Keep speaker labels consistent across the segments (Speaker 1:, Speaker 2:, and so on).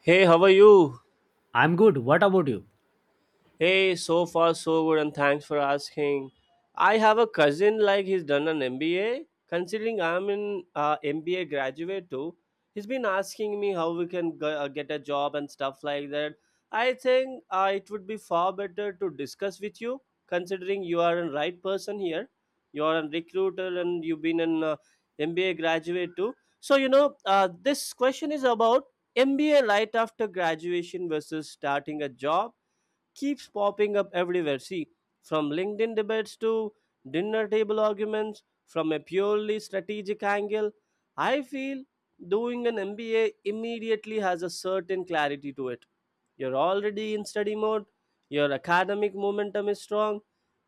Speaker 1: Hey, how are you?
Speaker 2: I'm good. What about you?
Speaker 1: Hey, so far so good, and thanks for asking. I have a cousin like he's done an MBA. Considering I'm an MBA graduate too, he's been asking me how we can get a job and stuff like that. I think it would be far better to discuss with you, considering you are a right person here. You are a recruiter and you've been an MBA graduate too. So this question is about MBA right after graduation versus starting a job keeps popping up everywhere. See, from LinkedIn debates to dinner table arguments, from a purely strategic angle, I feel doing an MBA immediately has a certain clarity to it. You're already in study mode, your academic momentum is strong,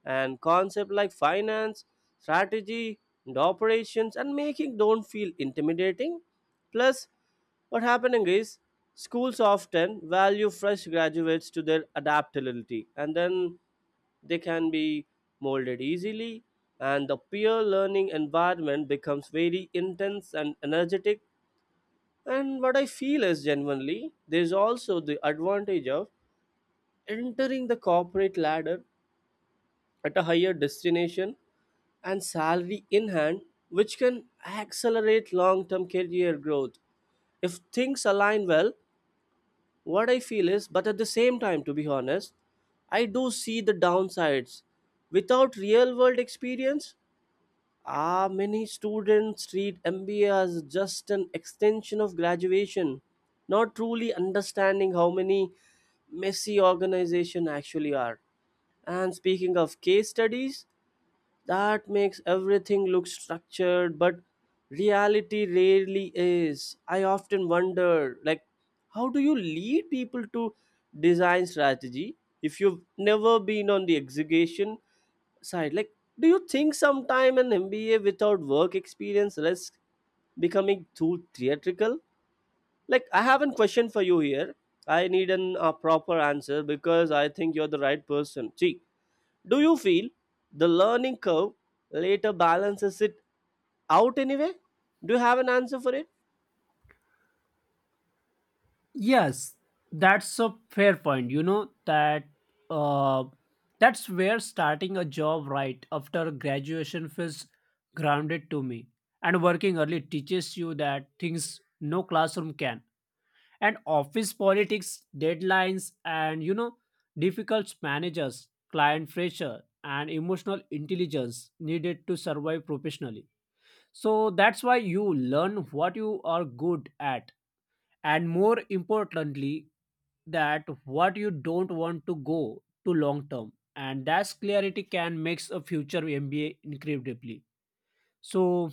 Speaker 1: and concepts like finance, strategy and operations and making don't feel intimidating. Plus, what happening is schools often value fresh graduates to their adaptability, and then they can be molded easily, and the peer learning environment becomes very intense and energetic. And what I feel is genuinely there's also the advantage of entering the corporate ladder at a higher destination and salary in hand, which can accelerate long term career growth. If things align well, what I feel is, but at the same time, to be honest, I do see the downsides. Without real world experience, many students treat MBA as just an extension of graduation, not truly understanding how many messy organizations actually are. And speaking of case studies, that makes everything look structured, but reality rarely is. I often wonder, like, how do you lead people to design strategy if you've never been on the execution side? Like, do you think sometime an MBA without work experience risks becoming too theatrical? Like, I have a question for you here. I need a proper answer because I think you're the right person. See, do you feel the learning curve later balances it out anyway? Do you have an answer for it?
Speaker 2: Yes, that's a fair point. You know that uh, that's where starting a job right after graduation feels grounded to me. And working early teaches you that things no classroom can. And office politics, deadlines, and you know, difficult managers, client pressure, and emotional intelligence needed to survive professionally. So that's why you learn what you are good at, and more importantly that what you don't want to go to long term, and that's clarity can makes a future mba incredibly so.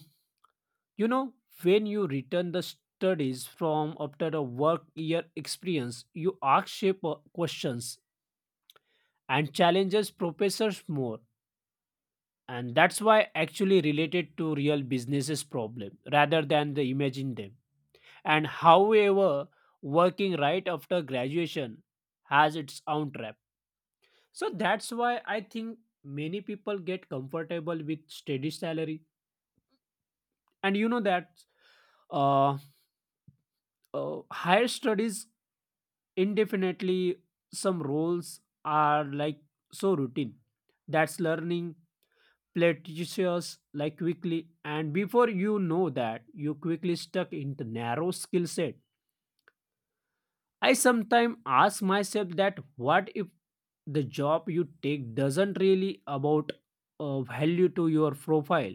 Speaker 2: You know, when you return the studies from after a work year experience, you ask shape questions and challenges professors more, and that's why actually related to real businesses problem rather than the imagine them. And however, working right after graduation has its own trap. So that's why I think many people get comfortable with steady salary, and you know that, uh, higher studies indefinitely. Some roles are like so routine that's learning plateaceous like quickly, and before you know that you quickly stuck into narrow skill set. I sometimes ask myself that what if the job you take doesn't really about value to your profile,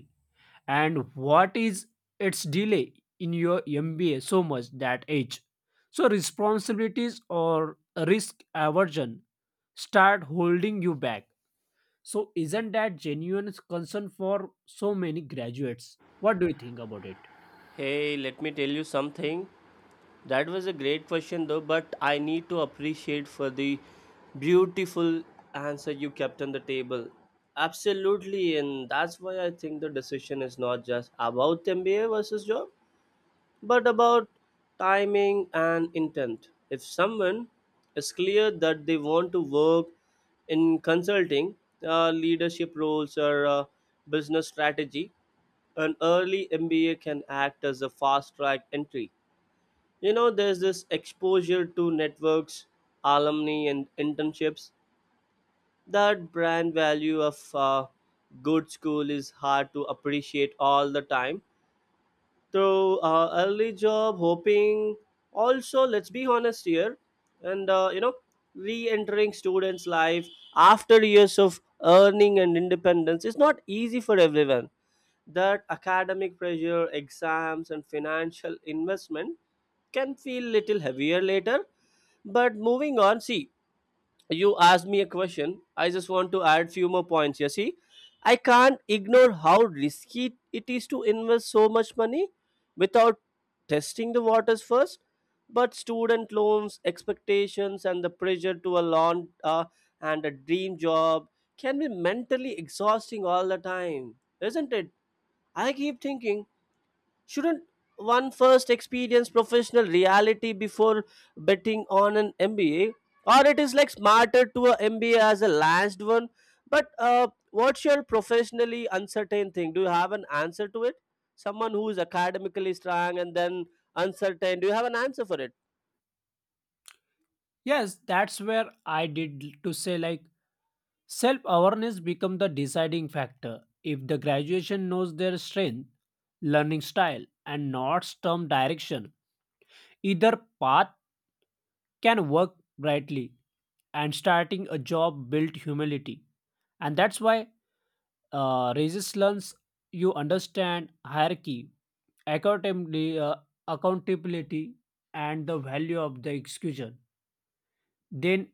Speaker 2: and what is its delay in your MBA so much that age. So responsibilities or risk aversion start holding you back. So isn't that genuine concern for so many graduates? What do you think about it?
Speaker 1: Hey, let me tell you something. That was a great question though, but I need to appreciate for the beautiful answer you kept on the table. Absolutely, and that's why I think the decision is not just about MBA versus job, but about timing and intent. If someone is clear that they want to work in consulting, leadership roles, or business strategy, an early MBA can act as a fast track entry. You know, there's this exposure to networks, alumni, and internships. That brand value of good school is hard to appreciate all the time through early job hoping. Also, let's be honest here, and re-entering students life after years of earning and independence is not easy for everyone. That academic pressure exams and financial investment can feel little heavier later. But moving on, see, you asked me a question. I just want to add few more points. You see, I can't ignore how risky it is to invest so much money without testing the waters first. But student loans expectations and the pressure to a lawn and a dream job can be mentally exhausting all the time, isn't it? I keep thinking, shouldn't one first experience professional reality before betting on an MBA? Or it is like smarter to a MBA as a last one. But what's your professionally uncertain thing? Do you have an answer to it? Someone who is academically strong and then uncertain. Do you have an answer for it?
Speaker 2: Yes, that's where I did to say like self awareness becomes the deciding factor. If the graduation knows their strength, learning style, and not term direction, either path can work brightly. And starting a job built humility, and that's why raises learns you understand hierarchy, accountably- uh, accountability, and the value of the execution. Then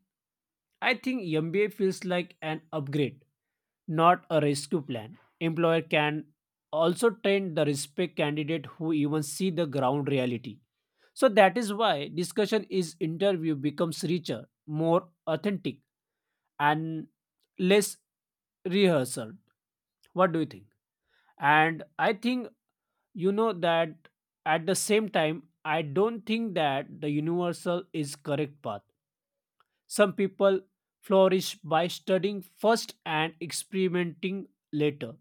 Speaker 2: I think MBA feels like an upgrade, not a rescue plan. Employer can also train the respect candidate who even see the ground reality. So that is why discussion is interview becomes richer, more authentic, and less rehearsal. What do you think? And I think you know that at the same time, I don't think that the universal is correct path. Some people flourish by studying first and experimenting later.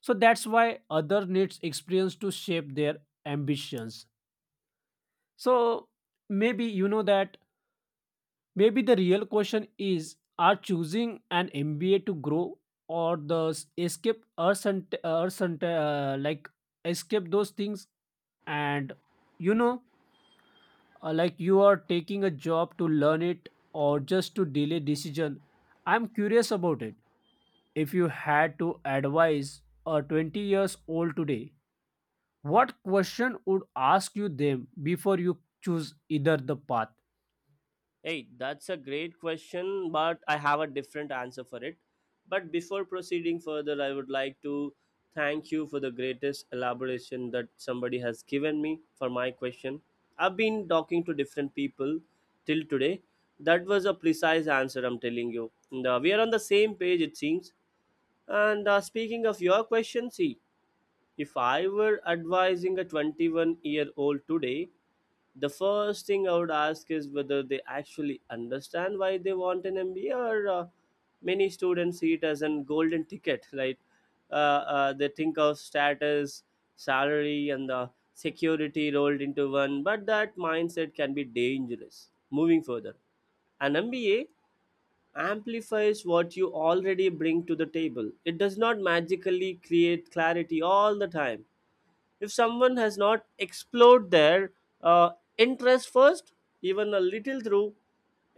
Speaker 2: So that's why other needs experience to shape their ambitions. So maybe you know that maybe the real question is are choosing an MBA to grow, or the escape, or some, or some like escape those things. And you know, like, you are taking a job to learn it or just to delay decision. I'm curious about it. If you had to advise a 20 years old today, what question would ask you them before you choose either the path?
Speaker 1: Hey, that's a great question, but I have a different answer for it. But before proceeding further, I would like to thank you for the greatest elaboration that somebody has given me for my question. I've been talking to different people till today. That was a precise answer, I'm telling you. And, we are on the same page, it seems. And speaking of your question, see, if I were advising a 21-year-old today, the first thing I would ask is whether they actually understand why they want an MBA, or many students see it as a golden ticket. Right? Uh, they think of status, salary, and the security rolled into one, but that mindset can be dangerous. Moving further, an MBA amplifies what you already bring to the table. It does not magically create clarity all the time. If someone has not explored their uh, interest first, even a little through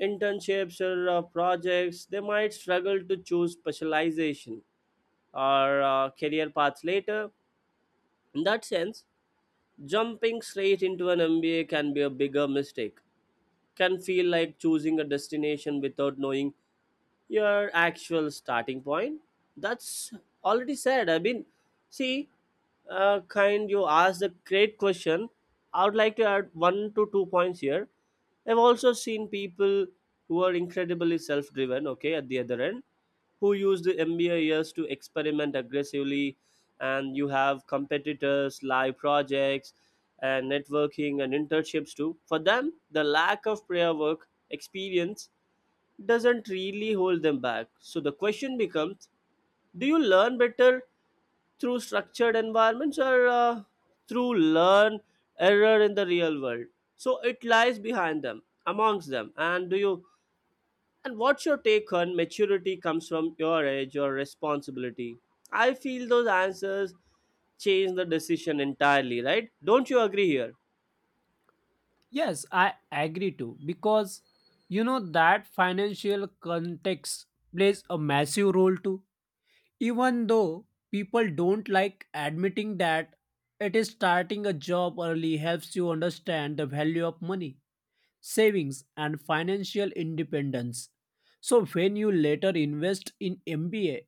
Speaker 1: internships or projects, they might struggle to choose specialization or career paths later. In that sense, jumping straight into an MBA can be a bigger mistake. Can feel like choosing a destination without knowing your actual starting point. That's already said, I mean, see, kind you asked a great question. I would like to add one to two points here. I've also seen people who are incredibly self-driven, okay, at the other end, who use the MBA years to experiment aggressively, and you have competitors live projects and networking and internships too. For them the lack of prior work experience doesn't really hold them back. So the question becomes, do you learn better through structured environments or through learn error in the real world? So it lies behind them, amongst them. And do you and what's your take on maturity comes from your age or responsibility? I feel those answers change the decision entirely, right? Don't you agree here?
Speaker 2: Yes, I agree too, because you know that financial context plays a massive role too. Even though people don't like admitting that, it is starting a job early helps you understand the value of money, savings and financial independence. So when you later invest in MBA,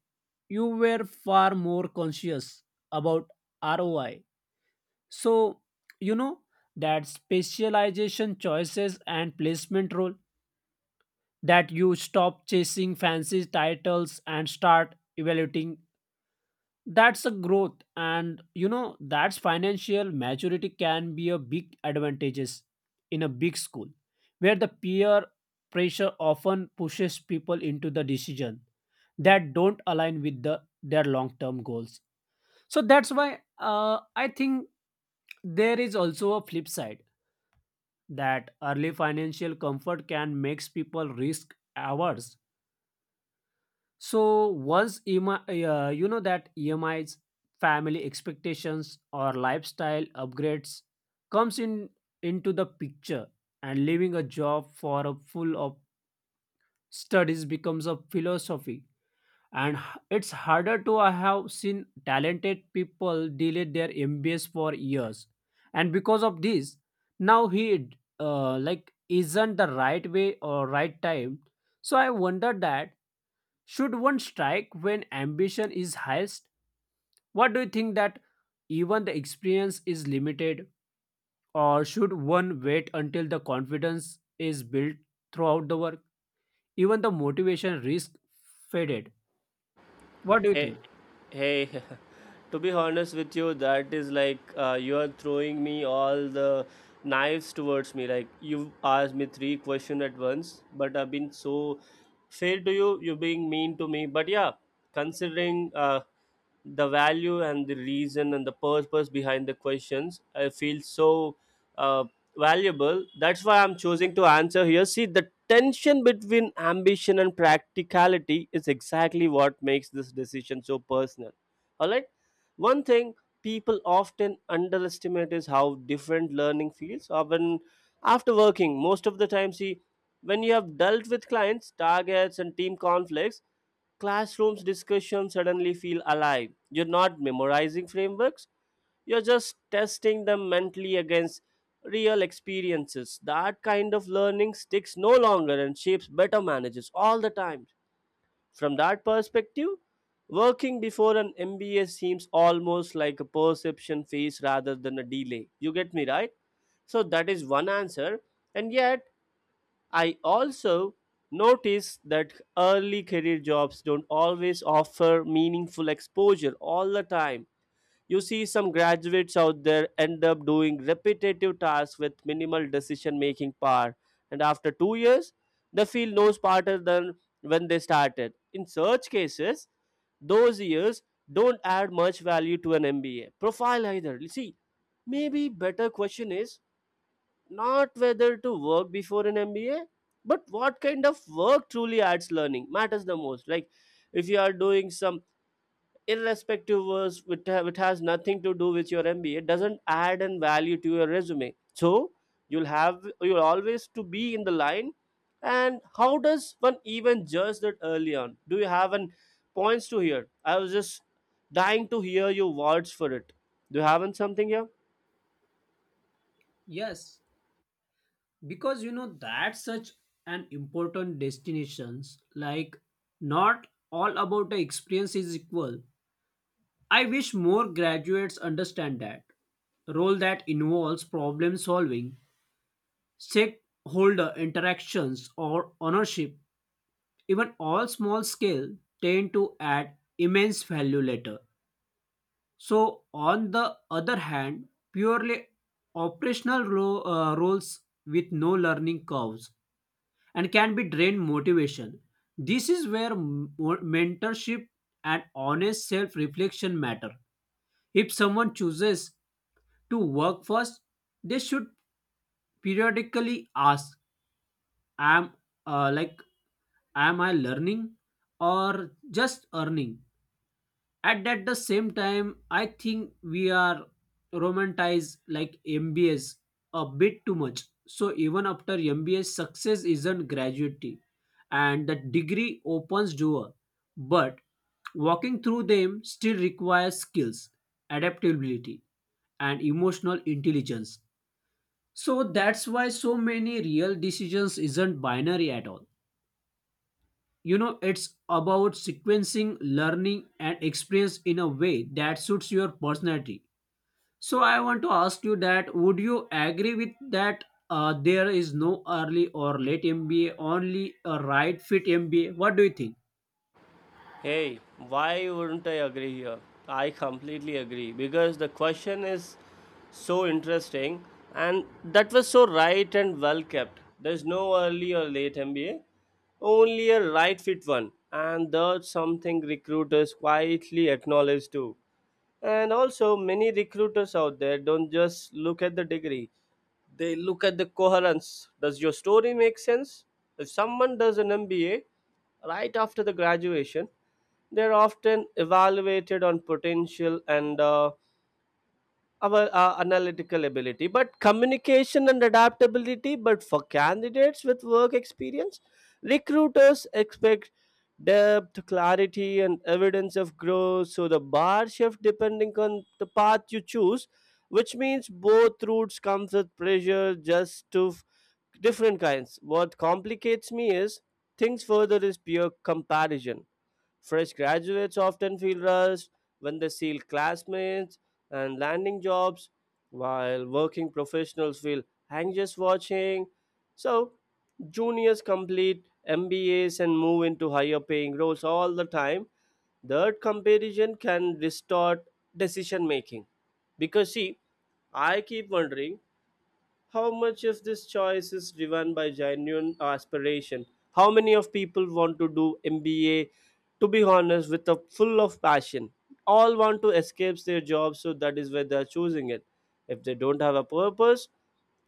Speaker 2: you were far more conscious about ROI. So you know that specialization choices and placement role that you stop chasing fancy titles and start evaluating that's a growth, and you know that's financial maturity can be a big advantages in a big school, where the peer pressure often pushes people into the decision that don't align with the their long term goals. So that's why I think there is also a flip side that early financial comfort can makes people risk averse. So once EMI, you know that EMIs, family expectations or lifestyle upgrades comes in into the picture, and leaving a job for a full of studies becomes a philosophy, and it's harder to. I have seen talented people delay their MBS for years, and because of this now he, like, isn't the right way or right time. So I wonder that should one strike when ambition is highest? What do you think that even the experience is limited, or should one wait until the confidence is built throughout the work? Even the motivation risk faded. What do you
Speaker 1: Hey,
Speaker 2: think?
Speaker 1: hey, to be honest with you, that is like you are throwing me all the knives towards me. Like you asked me three questions at once, but I've been so fair to you. You're being mean to me. But yeah, considering the value and the reason and the purpose behind the questions, I feel so uh, valuable. That's why I'm choosing to answer here. See, the tension between ambition and practicality is exactly what makes this decision so personal. All right. One thing people often underestimate is how different learning feels often after working most of the time. See, when you have dealt with clients targets and team conflicts, classrooms discussions suddenly feel alive. You're not memorizing frameworks, you're just testing them mentally against real experiences. That kind of learning sticks no longer and shapes better managers all the time. From that perspective, working before an MBA seems almost like a perception phase rather than a delay. You get me, right? So that is one answer. And yet, I also notice that early career jobs don't always offer meaningful exposure all the time. You see, some graduates out there end up doing repetitive tasks with minimal decision making power, and after 2 years, they feel no smarter than when they started. In such cases, those years don't add much value to an MBA profile either. See, maybe better question is not whether to work before an MBA, but what kind of work truly adds learning matters the most. Like if you are doing some irrespective was which, which has nothing to do with your MBA doesn't add an value to your resume. So you'll always to be in the line. And how does one even judge that early on? Do you have an points to hear? I was just dying to hear your words for it. Do you have an something here?
Speaker 2: Yes, because you know that's such an important destinations. Like not all about the experience is equal. I wish more graduates understand that role that involves problem solving, stakeholder interactions or ownership, even all small scale, tend to add immense value later. So, on the other hand, purely operational roles with no learning curves and can be drained motivation. This is where mentorship and honest self reflection matter. If someone chooses to work first, they should periodically ask am, like, am I learning or just earning? At that the same time I think we are romanticize like mbs a bit too much. So even after mbs success isn't graduating, and the degree opens door, but walking through them still requires skills, adaptability and emotional intelligence. So that's why so many real decisions isn't binary at all. You know, it's about sequencing learning and experience in a way that suits your personality. So I want to ask you that would you agree with that there is no early or late mba, only a right fit mba. What do you think?
Speaker 1: Hey, why wouldn't I agree here? I completely agree because the question is so interesting and that was so right and well kept. There's no early or late MBA, only a right fit one, and that's something recruiters quietly acknowledge too. And also, many recruiters out there don't just look at the degree, they look at the coherence. Does your story make sense? If someone does an MBA right after the graduation, they're often evaluated on potential and our analytical ability, but communication and adaptability. But for candidates with work experience, recruiters expect depth, clarity, and evidence of growth. So the bar shift depending on the path you choose, which means both routes comes with pressure just to different kinds. What complicates me is things further is peer comparison. Fresh graduates often feel rushed when they see classmates and landing jobs, while working professionals feel anxious watching. So, juniors complete MBAs and move into higher paying roles all the time. That comparison can distort decision making. Because, see, I keep wondering how much of this choice is driven by genuine aspiration, how many of people want to do MBA to be honest with a full of passion, all want to escape their job so that is why they are choosing it. If they don't have a purpose,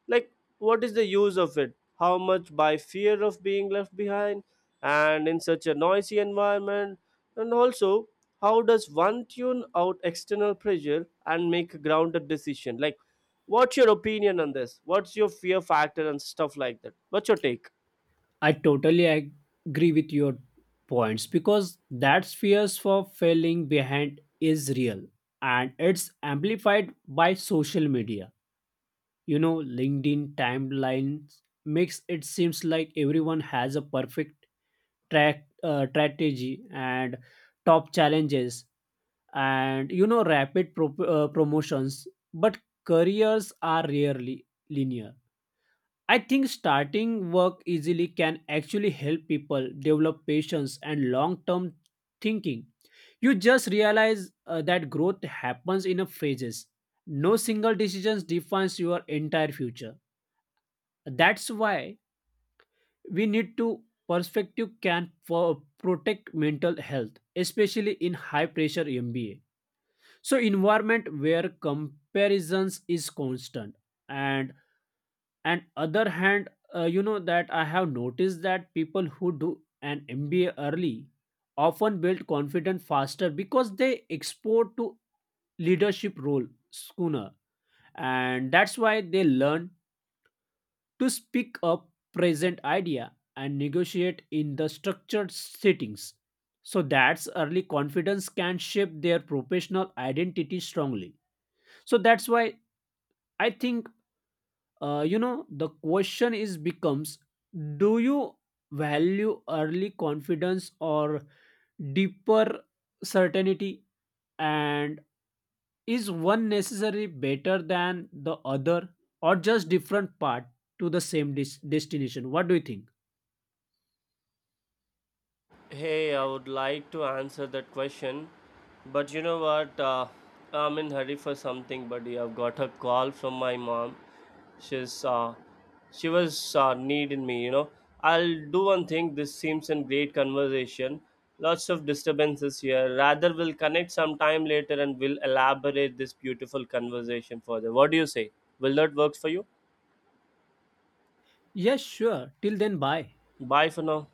Speaker 1: like, what is the use of it? How much by fear of being left behind and in such a noisy environment? And also, how does one tune out external pressure and make a grounded decision? Like, what's your opinion on this? What's your fear factor and stuff like that? What's your take?
Speaker 2: I agree with your points, because that fears for failing behind is real, and it's amplified by social media. You know, linkedin timelines makes it seems like everyone has a perfect track strategy and top challenges, and you know, rapid promotions. But careers are rarely linear. I think starting work easily can actually help people develop patience and long term thinking. You just realize that growth happens in a phases, no single decision defines your entire future. That's why we need to perspective can for protect mental health, especially in high pressure MBA. So environment where comparisons is constant, and and other hand, you know that I have noticed that people who do an MBA early often build confidence faster, because they export to leadership role sooner, and that's why they learn to speak up, present idea, and negotiate in the structured settings. So that's early confidence can shape their professional identity strongly. So that's why I think, you know, the question is becomes do you value early confidence or deeper certainty, and is one necessary better than the other, or just different part to the same destination? What do you think?
Speaker 1: Hey, I would like to answer that question, but you know what? I'm in hurry for something, buddy. I've got a call from my mom. She's uh, she was needing me. I'll do one thing. This seems a great conversation. Lots of disturbances here. Rather, we'll connect sometime later and we'll elaborate this beautiful conversation further. What do you say? Will that work for you?
Speaker 2: Yes, sure. Till then, bye.
Speaker 1: Bye for now.